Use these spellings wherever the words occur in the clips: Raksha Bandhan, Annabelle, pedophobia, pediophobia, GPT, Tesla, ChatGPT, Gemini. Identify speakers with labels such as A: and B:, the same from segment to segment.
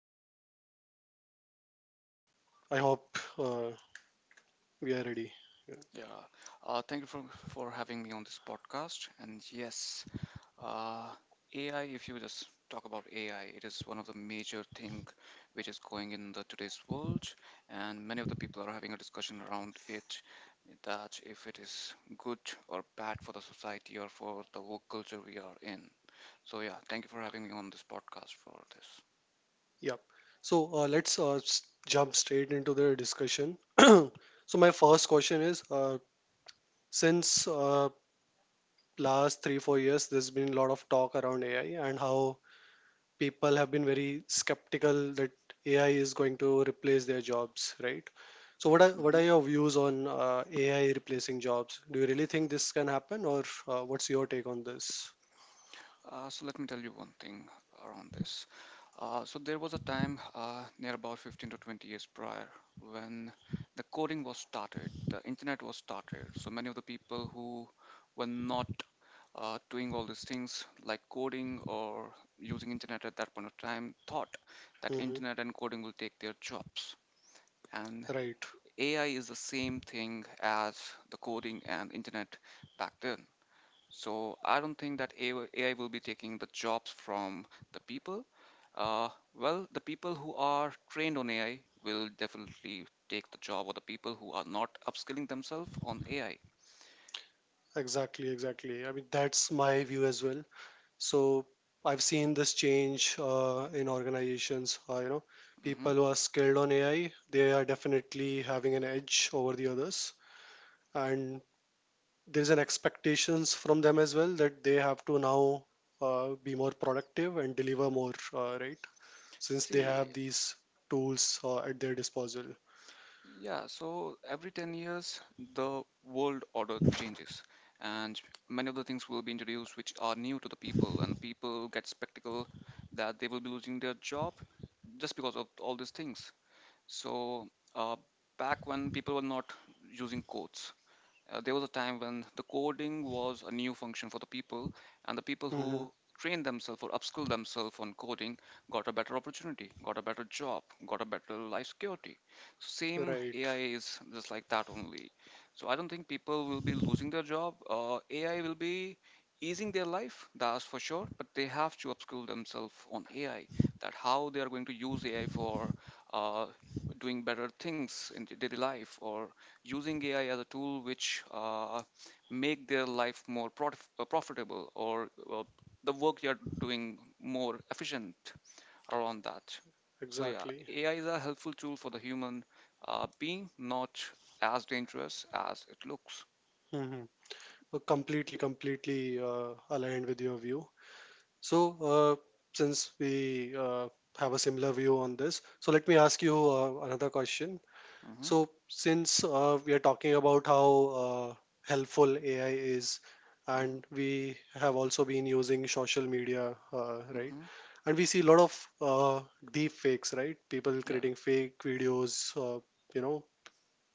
A: So I hope uh, we are ready. Yeah.
B: Yeah. Thank you for having me on this podcast. And yes, uh, AI, if you just talk about AI, it is one of the major thing which is going in the today's world. And many of the people are having a discussion around it that if it is good or bad for the society or for the work culture we are in. So yeah, thank you for having me on this podcast for this.
A: Yep. So let's jump straight into the discussion. So my first question is, since last 3-4 years, there's been a lot of talk around AI and how people have been very skeptical that AI is going to replace their jobs, right? So what are what
B: Mm-hmm.
A: are your views on AI replacing jobs? Do you really think this can happen, or what's your take on this?
B: So let me tell you one thing around this. So there was a time near about 15 to 20 years prior when the coding was started, the internet was started. So many of the people who were not doing all these things like coding or using internet at that point of time thought that
A: Mm-hmm.
B: internet and coding will take their jobs. And
A: Right.
B: AI is the same thing as the coding and internet back then. So I don't think that AI will be taking the jobs from the people. Uh, well, the people who are trained on AI will definitely take the job, or the people who are not upskilling themselves on AI.
A: Exactly, exactly. I mean, that's my view as well. So I've seen this change in organizations.
B: Hmm.
A: People who are skilled on AI, they are definitely having an edge over the others, and there's an expectations from them as well that they have to now be more productive and deliver more, right? Since they
B: See,
A: have these tools at their disposal.
B: yeah, so every 10 years, the world order changes, and many of the things will be introduced which are new to the people, and the people get spectacle that they will be losing their job just because of all these things. So uh, back when people were not using quotes, there was a time when the coding was a new function for the people, and the people
A: Hmm.
B: who trained themselves or upskilled themselves on coding got a better opportunity, got a better job, got a better life security. So same
A: Right.
B: AI is just like that only. So I don't think people will be losing their job. AI will be easing their life, that's for sure, but they have to upskill themselves on AI, that how they are going to use AI for uh, doing better things in the daily life or using AI as a tool which make their life more profitable or the work you're doing more efficient around that. So yeah,
A: Exactly.
B: AI is a helpful tool for the human being, not as dangerous as it looks.
A: Mhm. Completely, aligned with your view. So, since we have a similar view on this, so let me ask you another question.
B: Mm-hmm,
A: So, since we are talking about how uh, helpful AI is,
B: mm-hmm,
A: and we have also been using social media, right?
B: mm-hmm,
A: And we see a lot of deep fakes, right? People
B: yeah.
A: creating fake videos, you know,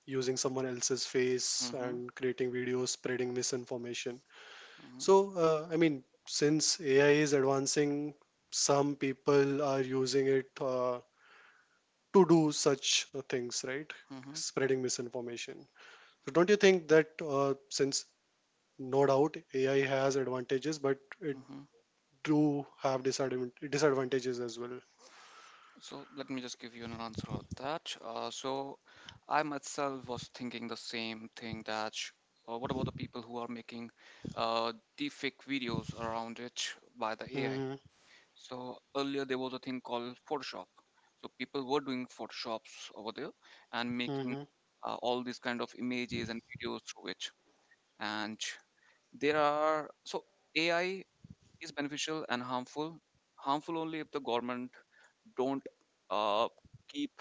A: using someone else's face
B: Mm-hmm,
A: and creating videos, spreading misinformation.
B: mm-hmm,
A: So, I mean, since AI is advancing, some people are using it to do such things, right?
B: mm-hmm,
A: Spreading misinformation. So, don't you think that since no doubt AI has advantages, but it
B: mm-hmm.
A: do have disadvantages as well?
B: So let me just give you an answer on that. So I myself was thinking the same thing that what about the people who are making uh, deepfake videos around it by the AI?
A: Hmm.
B: So earlier there was a thing called Photoshop. So people were doing Photoshops over there and making
A: Hmm.
B: all these kind of images and videos through it. And there are so AI is beneficial and harmful. Harmful only if the government don't uh, keep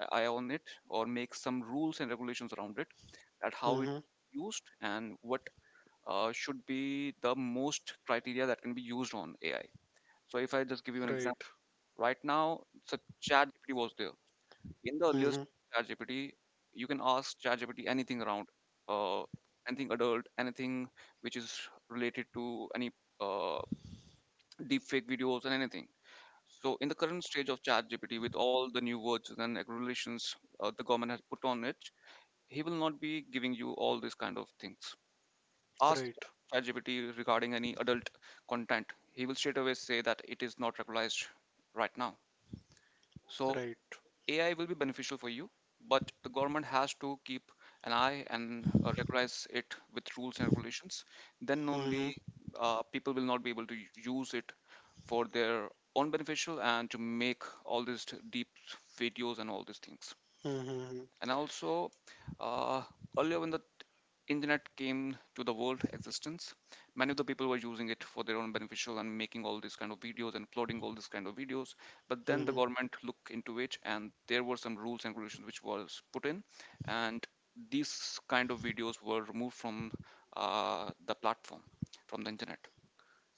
B: an eye on it or make some rules and regulations around it that how it
A: Hmm.
B: used and what should be the most criteria that can be used on AI. So if I just give you an example,
A: Right.
B: right now, so ChatGPT was there. In the earliest
A: Hmm.
B: ChatGPT, you can ask ChatGPT anything around uh, anything adult, anything which is related to any uh, deepfake videos and anything. So, in the current stage of ChatGPT, with all the new words and regulations the government has put on it, he will not be giving you all these kind of things. Ask
A: Right.
B: ChatGPT regarding any adult content, he will straight away say that it is not regularized right now. So,
A: Right.
B: AI will be beneficial for you, but the government has to keep an eye and regularize it with rules and regulations. Then
A: Hmm.
B: only people will not be able to use it for their own beneficial and to make all these deep videos and all these things,
A: Hmm.
B: and also uh, earlier when the internet came to the world existence, many of the people were using it for their own beneficial and making all these kind of videos and uploading all these kind of videos, but then the
A: Hmm.
B: government looked into it and there were some rules and regulations which was put in, and these kind of videos were removed from the platform from the internet.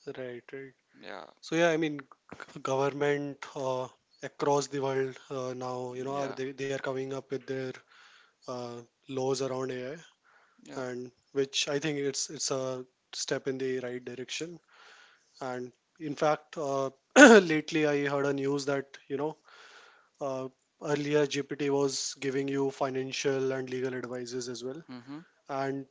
A: Right. Right.
B: Yeah,
A: So yeah, I mean, government across the world now, are
B: yeah,
A: they, they are coming up with their uh, laws around AI,
B: yeah.
A: and which I think it's a step in the right direction. And in fact, lately I heard a news that uh, earlier GPT was giving you financial and legal advices as well,
B: Hmm.
A: and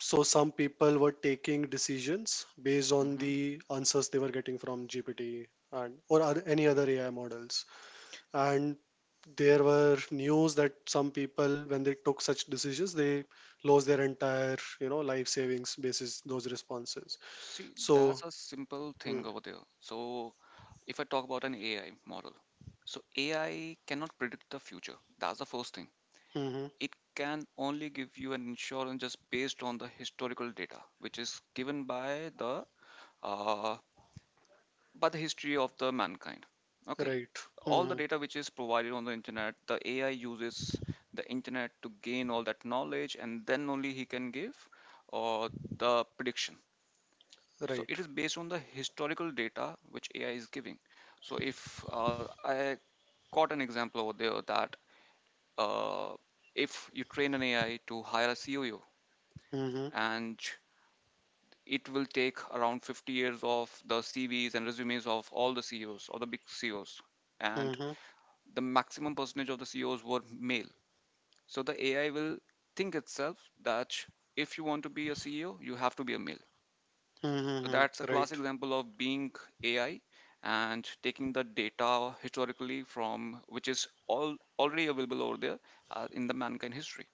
A: so some people were taking decisions based on the answers they were getting from GPT and or oth- any other AI models. And there were news that some people, when they took such decisions, they lost their entire, life savings basis those responses.
B: See, that's
A: So,
B: a simple
A: mm,
B: thing over there. So, if I talk about an AI model, so AI cannot predict the future. That's the first thing.
A: mhm,
B: It can only give you an insurance just based on the historical data, which is given uh, by the history of the mankind. Okay,
A: right,
B: all the
A: mhm,
B: data which is provided on the internet, the AI uses the internet to gain all that knowledge, and then only he can give or the prediction. So
A: right,
B: it is based on the historical data which AI is giving. So if I caught an example over there that uh, if you train an AI to hire a COO,
A: mhm,
B: and it will take around 50 years of the CVs and resumes of all the CEOs or the big CEOs, and
A: mhm,
B: the maximum percentage of the CEOs were male. So the AI will think itself that if you want to be a CEO, you have to be a male.
A: mhm,
B: So
A: mhm,
B: that's a
A: right,
B: classic example of being AI and taking the data historically from which is all already available over there in the mankind history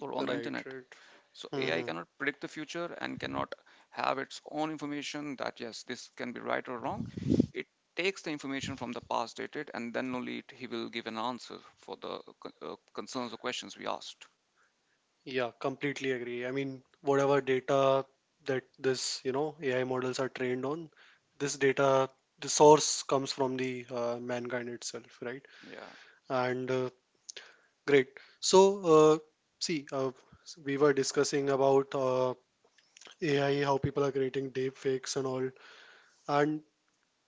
B: or on the
A: right,
B: internet.
A: right.
B: So AI
A: Mhm.
B: cannot predict the future and cannot have its own information that yes, this can be right or wrong. It takes the information from the past dated and then only he will give an answer for the concerns or questions we asked.
A: Yeah, completely agree. I mean, whatever data that this, AI models are trained on, this data, the source comes from the mankind itself, right?
B: Yeah.
A: And great. So, uh, see, we were discussing about AI, how people are creating deep fakes and all, and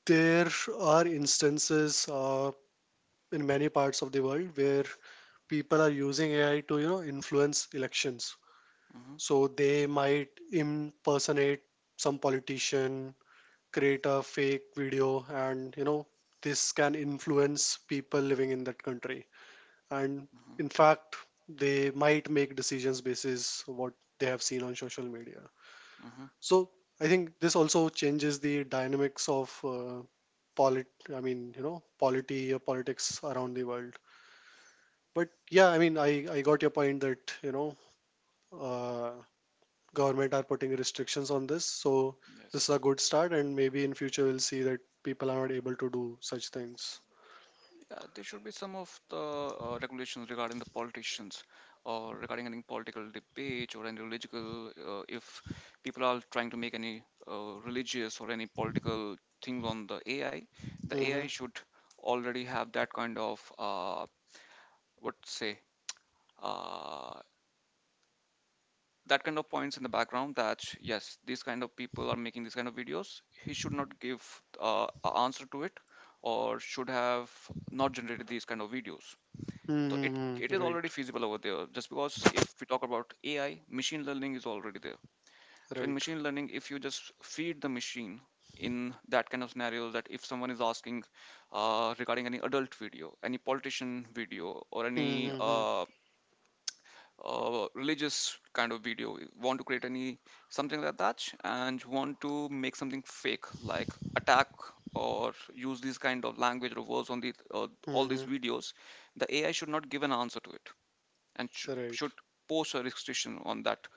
A: there are instances in many parts of the world where people are using AI to, influence elections.
B: Hmm.
A: So they might impersonate some politician, create a fake video, and this can influence people living in that country. And
B: Hmm.
A: in fact, they might make decisions basis what they have seen on social media.
B: Hmm.
A: So I think this also changes the dynamics of polit. I mean, polity or politics around the world. But yeah, I mean, I got your point that you know. Uh, Government are putting restrictions on this, so this is a
B: Yes.
A: good start and maybe in future we'll see that people are not able to do such things.
B: There should be some of the regulations regarding the politicians or regarding any political debate or any religious if people are trying to make any religious or any political things on the AI, the
A: Mm-hmm.
B: AI should already have that kind of what to say uh, that kind of points in the background that yes, these kind of people are making these kind of videos, he should not give a answer to it or should have not generated these kind of videos. So it, it
A: Mm-hmm.
B: is
A: Right.
B: already feasible over there. Just because if we talk about AI, machine learning is already there. So in
A: Right.
B: machine learning, if you just feed the machine in that kind of scenario, that if someone is asking regarding any adult video, any politician video, or any
A: Mm-hmm.
B: religious kind of video, you want to create any something like that, and you want to make something fake, like attack or use these kind of language or words on the all these
A: Mm-hmm.
B: videos, the AI should not give an answer to it and
A: Right.
B: should post a restriction on that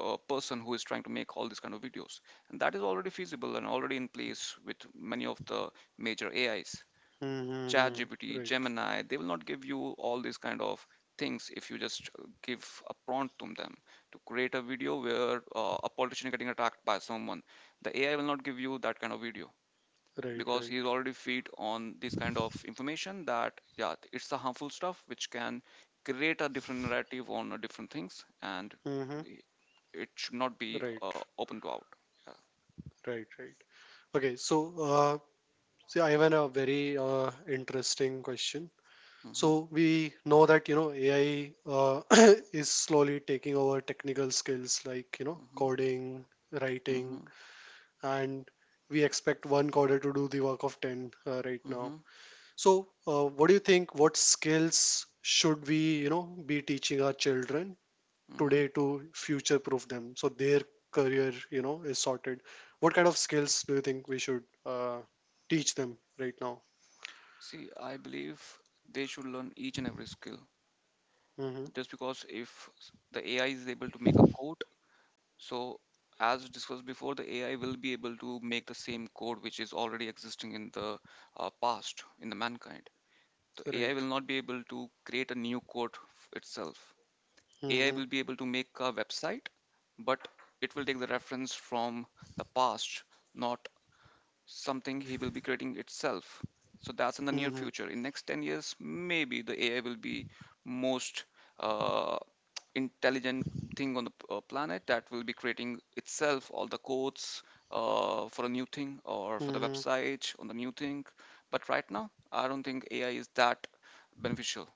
B: person who is trying to make all these kind of videos, and that is already feasible and already in place with many of the major AIs,
A: Mm-hmm.
B: ChatGPT,
A: Right.
B: Gemini, they will not give you all these kind of things if you just give a prompt to them to create a video where a politician is getting attacked by someone. The AI will not give you that kind of video
A: Right.
B: because
A: Right.
B: he's already feed on this kind of information that yeah, it's a harmful stuff which can create a different narrative on different things and
A: Mm-hmm.
B: i- it should not be
A: Right.
B: open to out. Yeah.
A: Right. Right. Okay, so uh see, I have a very interesting question.
B: Hmm.
A: So we know that AI uh, is slowly taking over technical skills like
B: Hmm.
A: coding, writing,
B: Hmm.
A: and we expect one coder to do the work of 10 right now.
B: Hmm.
A: So what do you think, what skills should we be teaching our children
B: Hmm.
A: today to future proof them so their career is sorted? What kind of skills do you think we should teach them right now?
B: See, I believe they should learn each and every skill.
A: Hmm.
B: Just because if the AI is able to make a code, so as discussed before, the AI will be able to make the same code which is already existing in the past in the mankind. So AI
A: Right.
B: will not be able to create a new code itself. AI
A: Hmm.
B: will be able to make a website, but it will take the reference from the past, not something he will be creating itself. So that's in the near
A: Hmm.
B: future. In next 10 years, maybe the AI will be most uh, intelligent thing on the planet that will be creating itself all the codes for a new thing or for the
A: Hmm.
B: website on the new thing. But right now, I don't think AI is that beneficial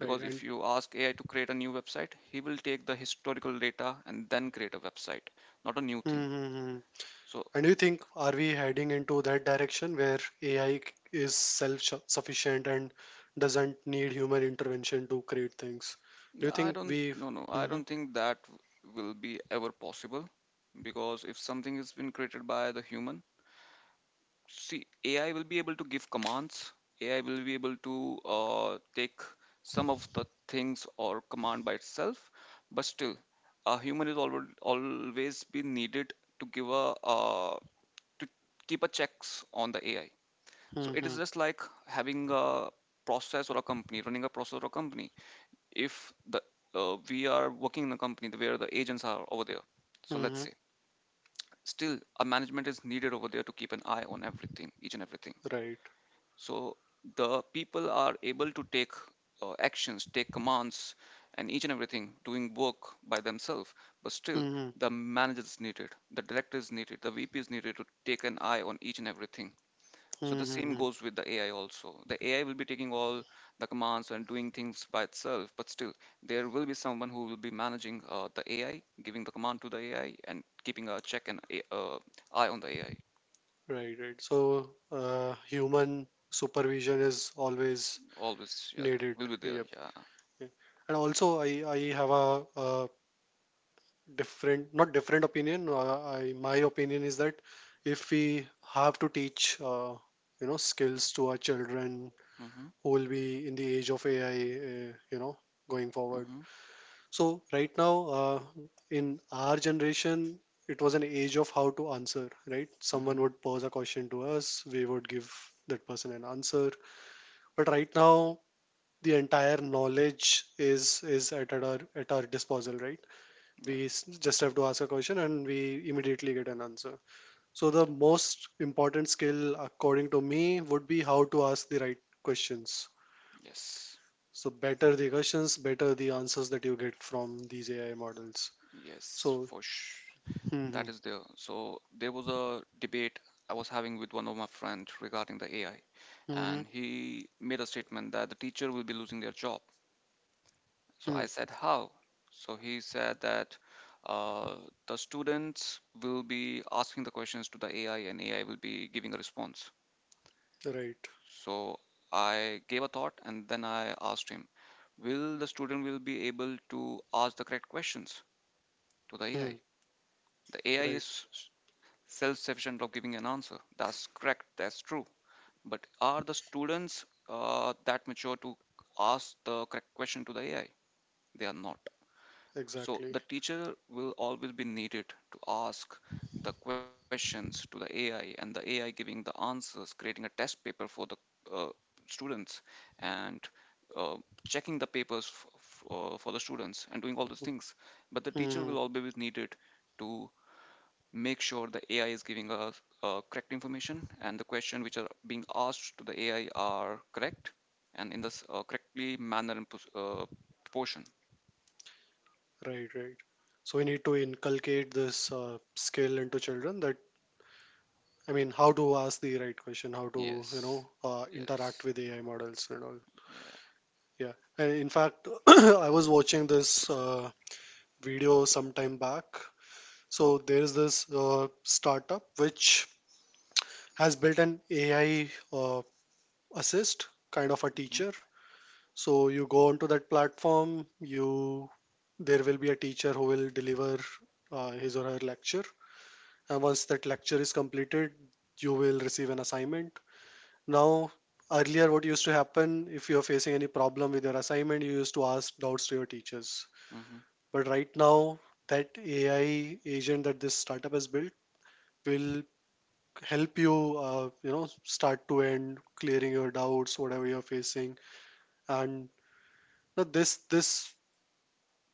A: Right. And
B: if you ask AI to create a new website, he will take the historical data and then create a website, not a new thing.
A: mm-hmm.
B: So
A: And do you think, are we heading into that direction where AI is self-sufficient and doesn't need human intervention to create things? Do you
B: I
A: think
B: don't,
A: we?
B: no, I
A: Hmm.
B: don't think that will be ever possible, because if something has been created by the human, see AI will be able to give commands. AI will be able to take some of the things or command by itself, but still, a human is always be needed to give a to keep a checks on the AI. So it
A: Hmm.
B: is just like having a process or a company. If the we are working in a company where the agents are over there, so let's
A: Hmm.
B: say, still a management is needed over there to keep an eye on everything, each and everything.
A: Right.
B: So the people are able to take actions, take commands, and each and everything doing work by themselves, but still
A: Hmm.
B: the manager is needed, the director is needed, the VP is needed to take an eye on each and everything. So the same
A: Hmm.
B: goes with the AI also. The AI will be taking all the commands and doing things by itself, but still there will be someone who will be managing the AI, giving the command to the AI, and keeping a check and eye on the AI.
A: Right. Right. So human supervision is always
B: Always, yeah,
A: needed.
B: will be there.
A: Yep.
B: Yeah.
A: Yeah. And also, I have a different not different opinion. My opinion is that if we have to teach skills to our children
B: Mm-hmm.
A: who will be in the age of AI, uh, you know going forward,
B: Mm-hmm.
A: so right now, uh, in our generation, it was an age of how to answer, right?
B: Mm-hmm.
A: Someone would pose a question to us, we would give that person an answer, but right now the entire knowledge is at our disposal, right?
B: Yeah.
A: We just have to ask a question and we immediately get an answer. So the most important skill according to me would be how to ask the right questions.
B: Yes.
A: So, better the questions, better the answers that you get from these AI models.
B: Yes.
A: So.
B: For sure.
A: Hmm.
B: That
A: Hmm.
B: is there. So there was a debate I was having with one of my friends regarding the AI,
A: Hmm. Hmm.
B: and he made a statement that the teacher will be losing their job. So
A: Hmm.
B: I said, "How?" So he said that uh, the students will be asking the questions to the AI and AI will be giving a response.
A: Right.
B: So I gave a thought and then I asked him, "Will the student will be able to ask the correct questions to the
A: Hmm.
B: AI? The AI
A: Right.
B: is self-sufficient of giving an answer." That's correct. That's true. But are the students that mature to ask the correct question to the AI? They are not. So
A: Exactly.
B: the teacher will always be needed to ask the questions to the AI and the AI giving the answers, creating a test paper for the uh, students and uh, checking the papers for the students and doing all those things. But the teacher
A: Hmm. Hmm.
B: will always be needed to make sure the AI is giving us correct information and the questions which are being asked to the AI are correct and in this correctly manner and proportion.
A: Right. Right. So we need to inculcate this skill into children, that I mean, how to ask the right question, how to you know
B: Yes.
A: interact
B: Yes.
A: with AI models and all.
B: Yeah.
A: Yeah, and in fact, I was watching this video some time back. So there is this startup which has built an AI assist, kind of a
B: Mhm.
A: teacher. So you go onto that platform, you there will be a teacher who will deliver his or her lecture, and once that lecture is completed, you will receive an assignment. Now, earlier, what used to happen if you are facing any problem with your assignment, you used to ask doubts to your teachers.
B: Mhm.
A: But right now, that AI agent that this startup has built will help you, start to end, clearing your doubts, whatever you're facing. And now this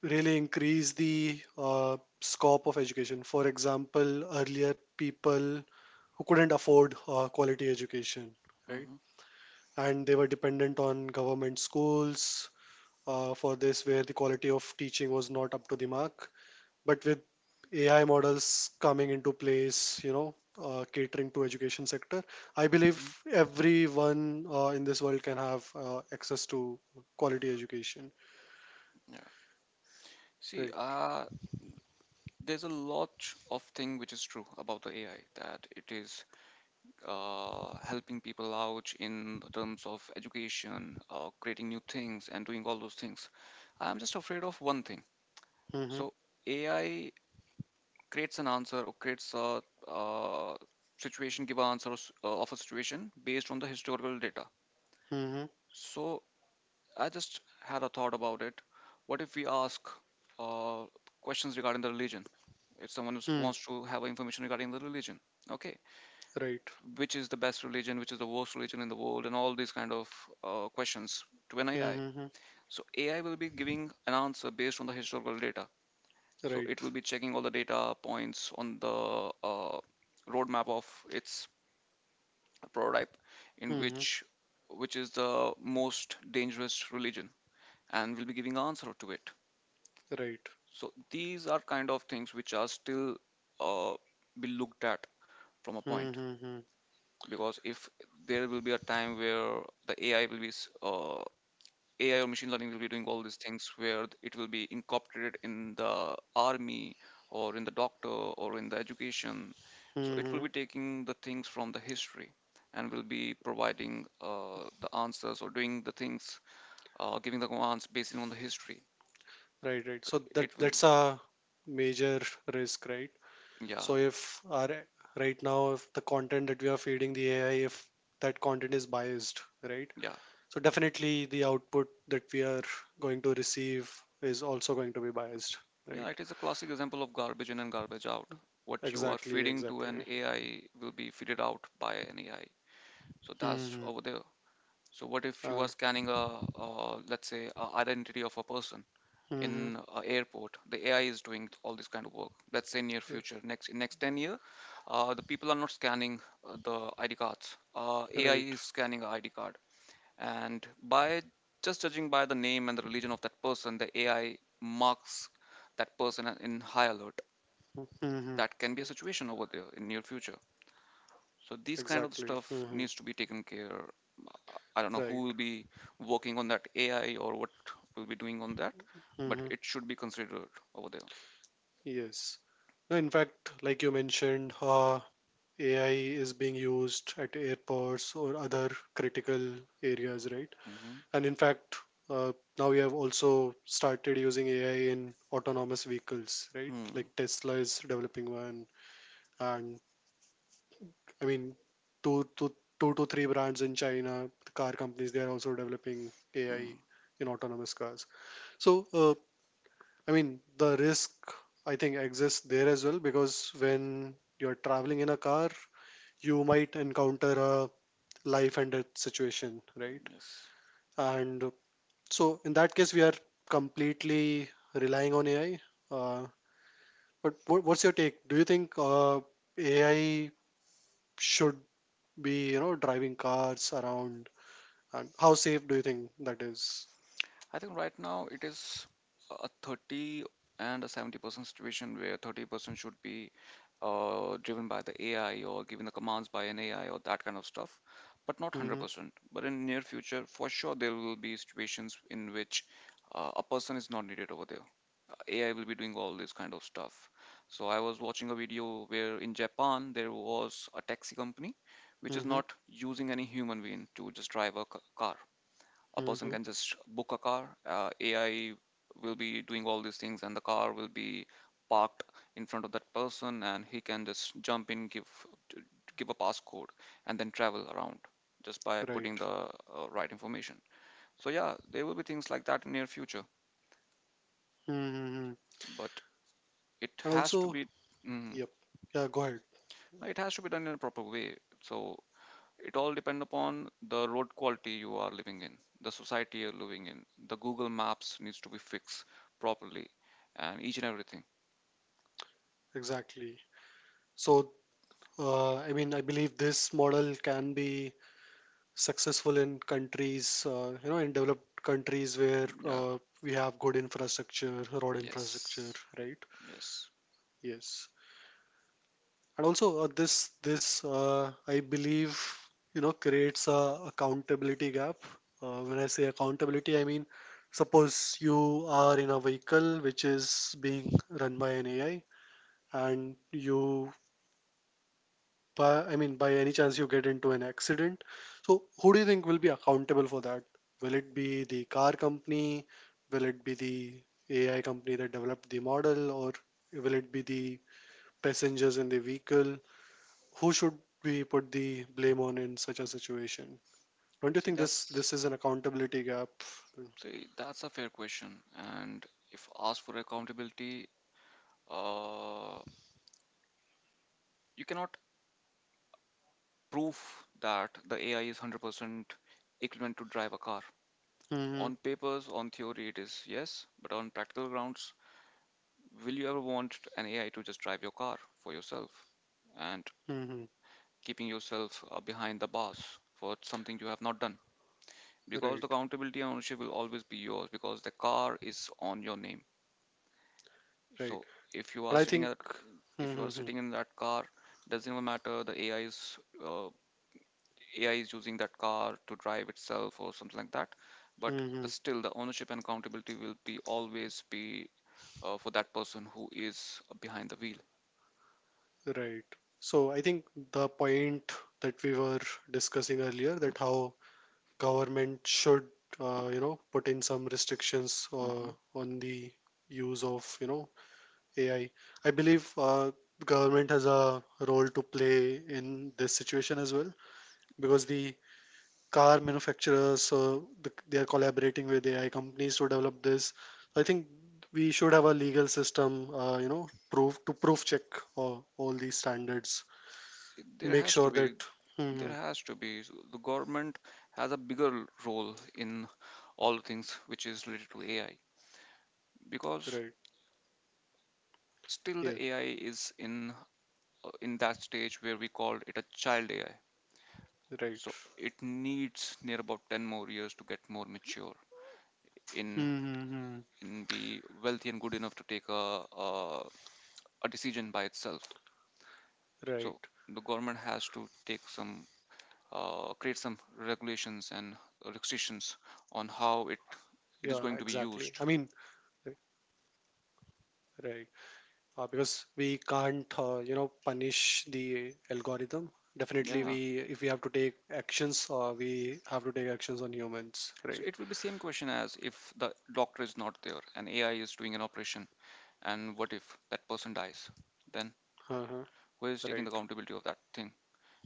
A: really increase the scope of education. For example, earlier people who couldn't afford quality education, right?
B: Mhm.
A: And they were dependent on government schools for this, where the quality of teaching was not up to the mark. But with AI models coming into place, catering to education sector, I believe
B: Mhm.
A: everyone in this world can have access to quality education.
B: Yeah. See,
A: Right.
B: uh, there's a lot of thing which is true about the AI that it is helping people out in terms of education, creating new things, and doing all those things. I'm just afraid of one thing.
A: Mm-hmm.
B: So AI creates an answer or creates a, uh situation, give an answer of a situation based on the historical data.
A: Mm-hmm.
B: So I just had a thought about it. What if we ask uh, questions regarding the religion? If someone
A: Hmm.
B: wants to have information regarding the religion, okay,
A: Right.
B: which is the best religion, which is the worst religion in the world, and all these kind of questions to an AI?
A: Mm-hmm.
B: So AI will be giving an answer based on the historical data. So
A: Right.
B: it will be checking all the data points on the uh, roadmap of its prototype, in
A: Mm-hmm.
B: which is the most dangerous religion, and will be giving answer to it.
A: Right.
B: So these are kind of things which are still uh, be looked at from a point,
A: Mm-hmm.
B: because if there will be a time where the AI will be s- uh, AI or machine learning will be doing all these things where it will be incorporated in the army or in the doctor or in the education. So it
A: Mm-hmm.
B: will be taking the things from the history and will be providing the answers or doing the things, giving the commands based on the history.
A: Right. Right. So
B: It
A: that
B: will,
A: that's a major risk, right?
B: yeah,
A: So if our right now, if the content that we are feeding the AI, if that content is biased, right?
B: yeah.
A: So definitely the output that we are going to receive is also going to be biased,
B: Yeah,
A: right?
B: it is a classic example of garbage in and garbage out. What you are
A: Exactly,
B: feeding to an
A: exactly.
B: AI will be fed out by an AI. So that's
A: Hmm.
B: over there. So what if you
A: Uh,
B: are scanning a, let's say, a identity of a person
A: hmm.
B: in an airport? The AI is doing all this kind of work. Let's say near future, next in next 10 year, the people are not scanning the ID cards. AI
A: Right.
B: is scanning a ID card, and by just judging by the name and the religion of that person, the AI marks that person in high alert.
A: Hmm.
B: That can be a situation over there in near future, so these kind of
A: Exactly.
B: stuff
A: Hmm.
B: needs to be taken care. I don't know who
A: Right.
B: will be working on that AI or what will be doing on that, but
A: Hmm.
B: it should be considered over there.
A: Yes. No, in fact, like you mentioned, AI is being used at airports or other critical areas, right?
B: Hmm.
A: And in fact, uh, now we have also started using AI in autonomous vehicles, right?
B: Hmm.
A: Like Tesla is developing one, and I mean, two to two to three brands in China, the car companies, they are also developing AI
B: Hmm.
A: in autonomous cars. So, I mean, the risk I think exists there as well, because when you're traveling in a car, you might encounter a life and death situation, right?
B: Yes.
A: And so in that case, we are completely relying on AI. Uh, but what's your take? Do you think AI should be, driving cars around? And how safe do you think that is?
B: I think right now it is a 30 and a 70% situation where 30% should be driven by the AI or given the commands by an AI or that kind of stuff, but not
A: Mm-hmm,
B: 100%. But in near future, for sure, there will be situations in which a person is not needed over there. AI will be doing all this kind of stuff. So I was watching a video where in Japan there was a taxi company which is
A: mm-hmm,
B: not using any human being to just drive a car. A person
A: mm-hmm.
B: can just book a car, AI will be doing all these things and the car will be parked in front of that person, and he can just jump in, give t- give a passcode, and then travel around just by
A: Right.
B: putting the right information. So yeah, there will be things like that in near future,
A: Mm-hmm.
B: but it
A: And
B: has to
A: also,
B: be. Mhm.
A: yep. Yeah, go ahead.
B: It has to be done in a proper way. So it all depend upon the road quality you are living in, the society you're living in. The Google Maps needs to be fixed properly, and each and everything.
A: Exactly. So, I mean, I believe this model can be successful in countries, in developed countries where
B: Yeah.
A: we have good infrastructure, road infrastructure,
B: Yes.
A: right?
B: Yes.
A: Yes. And also this this I believe creates a accountability gap. When I say accountability, I mean suppose you are in a vehicle which is being run by an AI and you by I mean by any chance you get into an accident. So who do you think will be accountable for that? Will it be the car company? Will it be the AI company that developed the model or will it be the passengers in the vehicle? Who should we put the blame on in such a situation? Don't you
B: see
A: think this
B: that's
A: this is an accountability gap?
B: see that's a fair question. And if asked for accountability, uh you cannot prove that the AI is 100% equivalent to drive a car.
A: Mm-hmm,
B: On papers, on theory, it is yes, but on practical grounds, will you ever want an AI to just drive your car for yourself and
A: mm-hmm.
B: keeping yourself behind the bars for something you have not done? Because the
A: Right,
B: accountability and ownership will always be yours, because the car is on your name.
A: right.
B: So if you are
A: And I
B: sitting
A: think
B: at if you are
A: mm-hmm,
B: sitting in that car, doesn't even matter the AI is uh, AI is using that car to drive itself or something like that. But
A: mm-hmm.
B: the, still, the ownership and accountability will be always be for that person who is behind the wheel.
A: Right. So I think the point that we were discussing earlier, that how government should you know, put in some restrictions
B: Hmm.
A: uh, on the use of, you know, AI. I believe government has a role to play in this situation as well, because the car manufacturers, they are collaborating with AI companies to develop this. I think we should have a legal system, you know, proof to proof check all these standards.
B: there
A: Make
B: has to
A: sure
B: be
A: that. hmm
B: there
A: hmm,
B: has to be So the government has a bigger role in all things which is related to AI, because
A: Right.
B: still the
A: Yes.
B: AI is in in that stage where we call it a child AI.
A: Right.
B: So it needs near about 10 more years to get more mature in
A: Mm-hmm.
B: be wealthy and good enough to take a, a decision by itself. So
A: Right.
B: the government has to take some create some regulations and restrictions
A: Yeah,
B: on how it
A: exactly. I mean,
B: it is going to be
A: r-
B: used.
A: right. Because we can't, you know, punish the algorithm. Definitely,
B: Yeah,
A: we if we have to take actions, we have to take actions on humans, right?
B: so it will be same question as if the doctor is not there and AI is doing an operation, and what if that person dies? Then
A: Uh-huh.
B: who is taking the
A: Right.
B: accountability of that thing?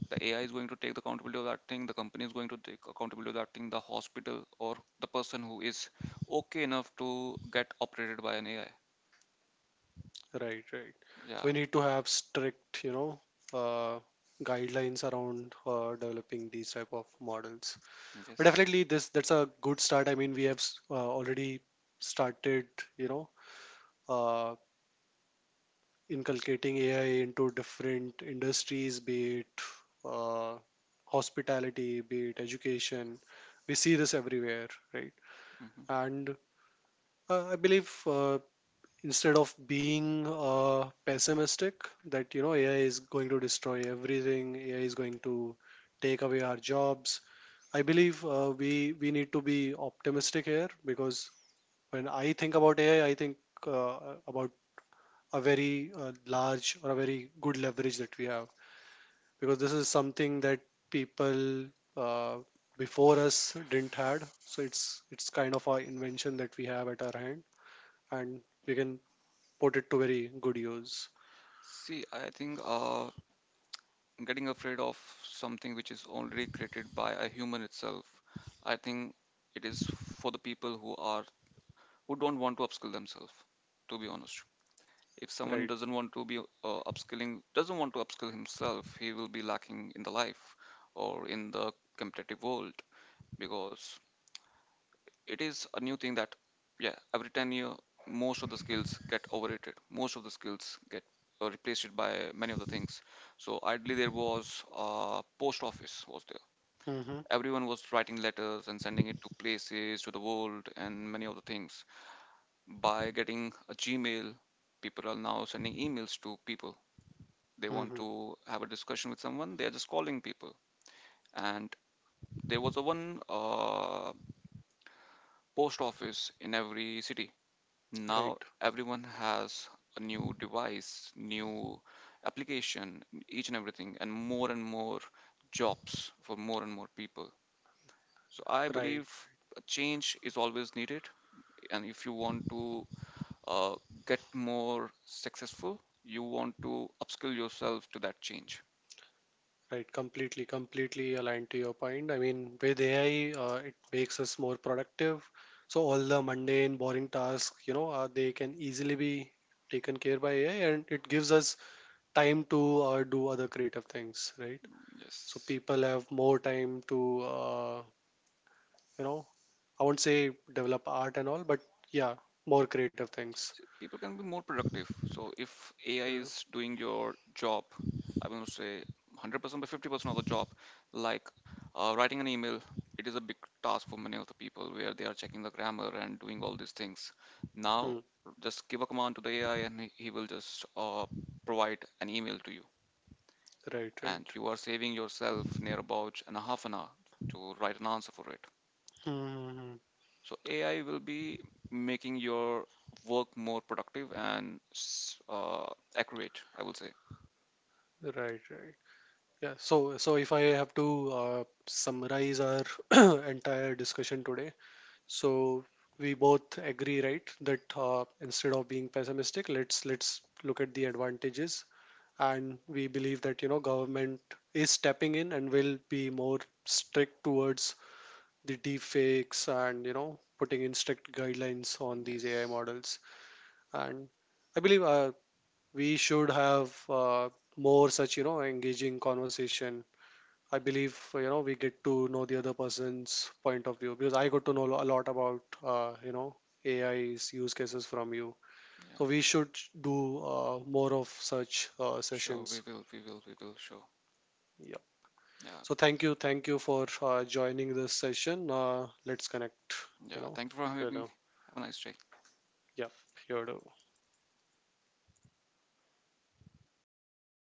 B: The AI is going to take the accountability of that thing? The company is going to take accountability of that thing? The hospital or the person who is okay enough to get operated by an AI?
A: Right. Right. So
B: Yeah.
A: we need to have strict, you know, uh, guidelines around developing these type of models. But
B: Yes.
A: definitely, this that's a good start. I mean, we have already started, you know, uh, inculcating AI into different industries, be it, uh, hospitality, be it education. We see this everywhere, right?
B: Hmm.
A: And I believe, instead of being pessimistic, that you know AI is going to destroy everything, AI is going to take away our jobs. I believe we need to be optimistic here, because when I think about AI, I think uh, about a very, large, or a very good leverage that we have, because this is something that people, uh, before us, didn't had. So it's kind of our invention that we have at our hand, and we can put it to very good use.
B: See, I think getting afraid of something which is already created by a human itself, I think it is for the people who don't want to upskill themselves, to be honest. If someone
A: Right.
B: doesn't want to be upskilling, doesn't want to upskill himself, he will be lacking in the life or in the competitive world, because it is a new thing that yeah, every 10-year most of the skills get overrated, most of the skills get replaced by many of the things. So ideally, there was a post office was there,
A: Mm-hmm.
B: everyone was writing letters and sending it to places to the world and many other things. By getting a Gmail, people are now sending emails to people. They want
A: Mm-hmm.
B: to have a discussion with someone, they are just calling people. And there was a one post office in every city, now
A: Right.
B: everyone has a new device, new application, each and everything, and more jobs for more and more people. So I
A: Right.
B: believe a change is always needed, and if you want to uh, get more successful, you want to upskill yourself to that change.
A: Right, completely, completely aligned to your point. I mean, with AI, it makes us more productive. So all the mundane, boring tasks, you know, they can easily be taken care by AI, and it gives us time to do other creative things, right? So
B: Yes.
A: people have more time to, you know, I won't say develop art and all, but yeah, more creative things.
B: So people can be more productive, so if AI
A: Yeah.
B: is doing your job, I will not say 100% but 50% of the job, like writing an email. It is a big task for many of the people where they are checking the grammar and doing all these things.
A: Hmm.
B: Now just give a command to the AI, and he will just provide an email to you,
A: Right, right.
B: and you are saving yourself near about an half an hour to write an answer for it.
A: Hmm, hmm, hmm, hmm.
B: So AI will be making your work more productive and accurate, I will say.
A: Right, right. Yeah, so so if I have to summarize our entire discussion today, so we both agree, right, that instead of being pessimistic, let's look at the advantages, and we believe that, you know, government is stepping in and will be more strict towards the deep fakes, and you know, putting in strict guidelines on these AI
B: Yes.
A: models, and I believe, we should have more such, you know, engaging conversation. I believe, you know, we get to know the other person's point of view, because I got to know a lot about, you know, AI's use cases from you.
B: Yeah.
A: So we should do, more of such,
B: Sure. We
A: sessions.
B: will. We will. We will. Sure.
A: Yeah.
B: Yeah.
A: So thank you for joining this session. Let's connect. You
B: Yeah.
A: know,
B: Thank you for having
A: you
B: me.
A: know.
B: Have a nice day.
A: Yeah. Here.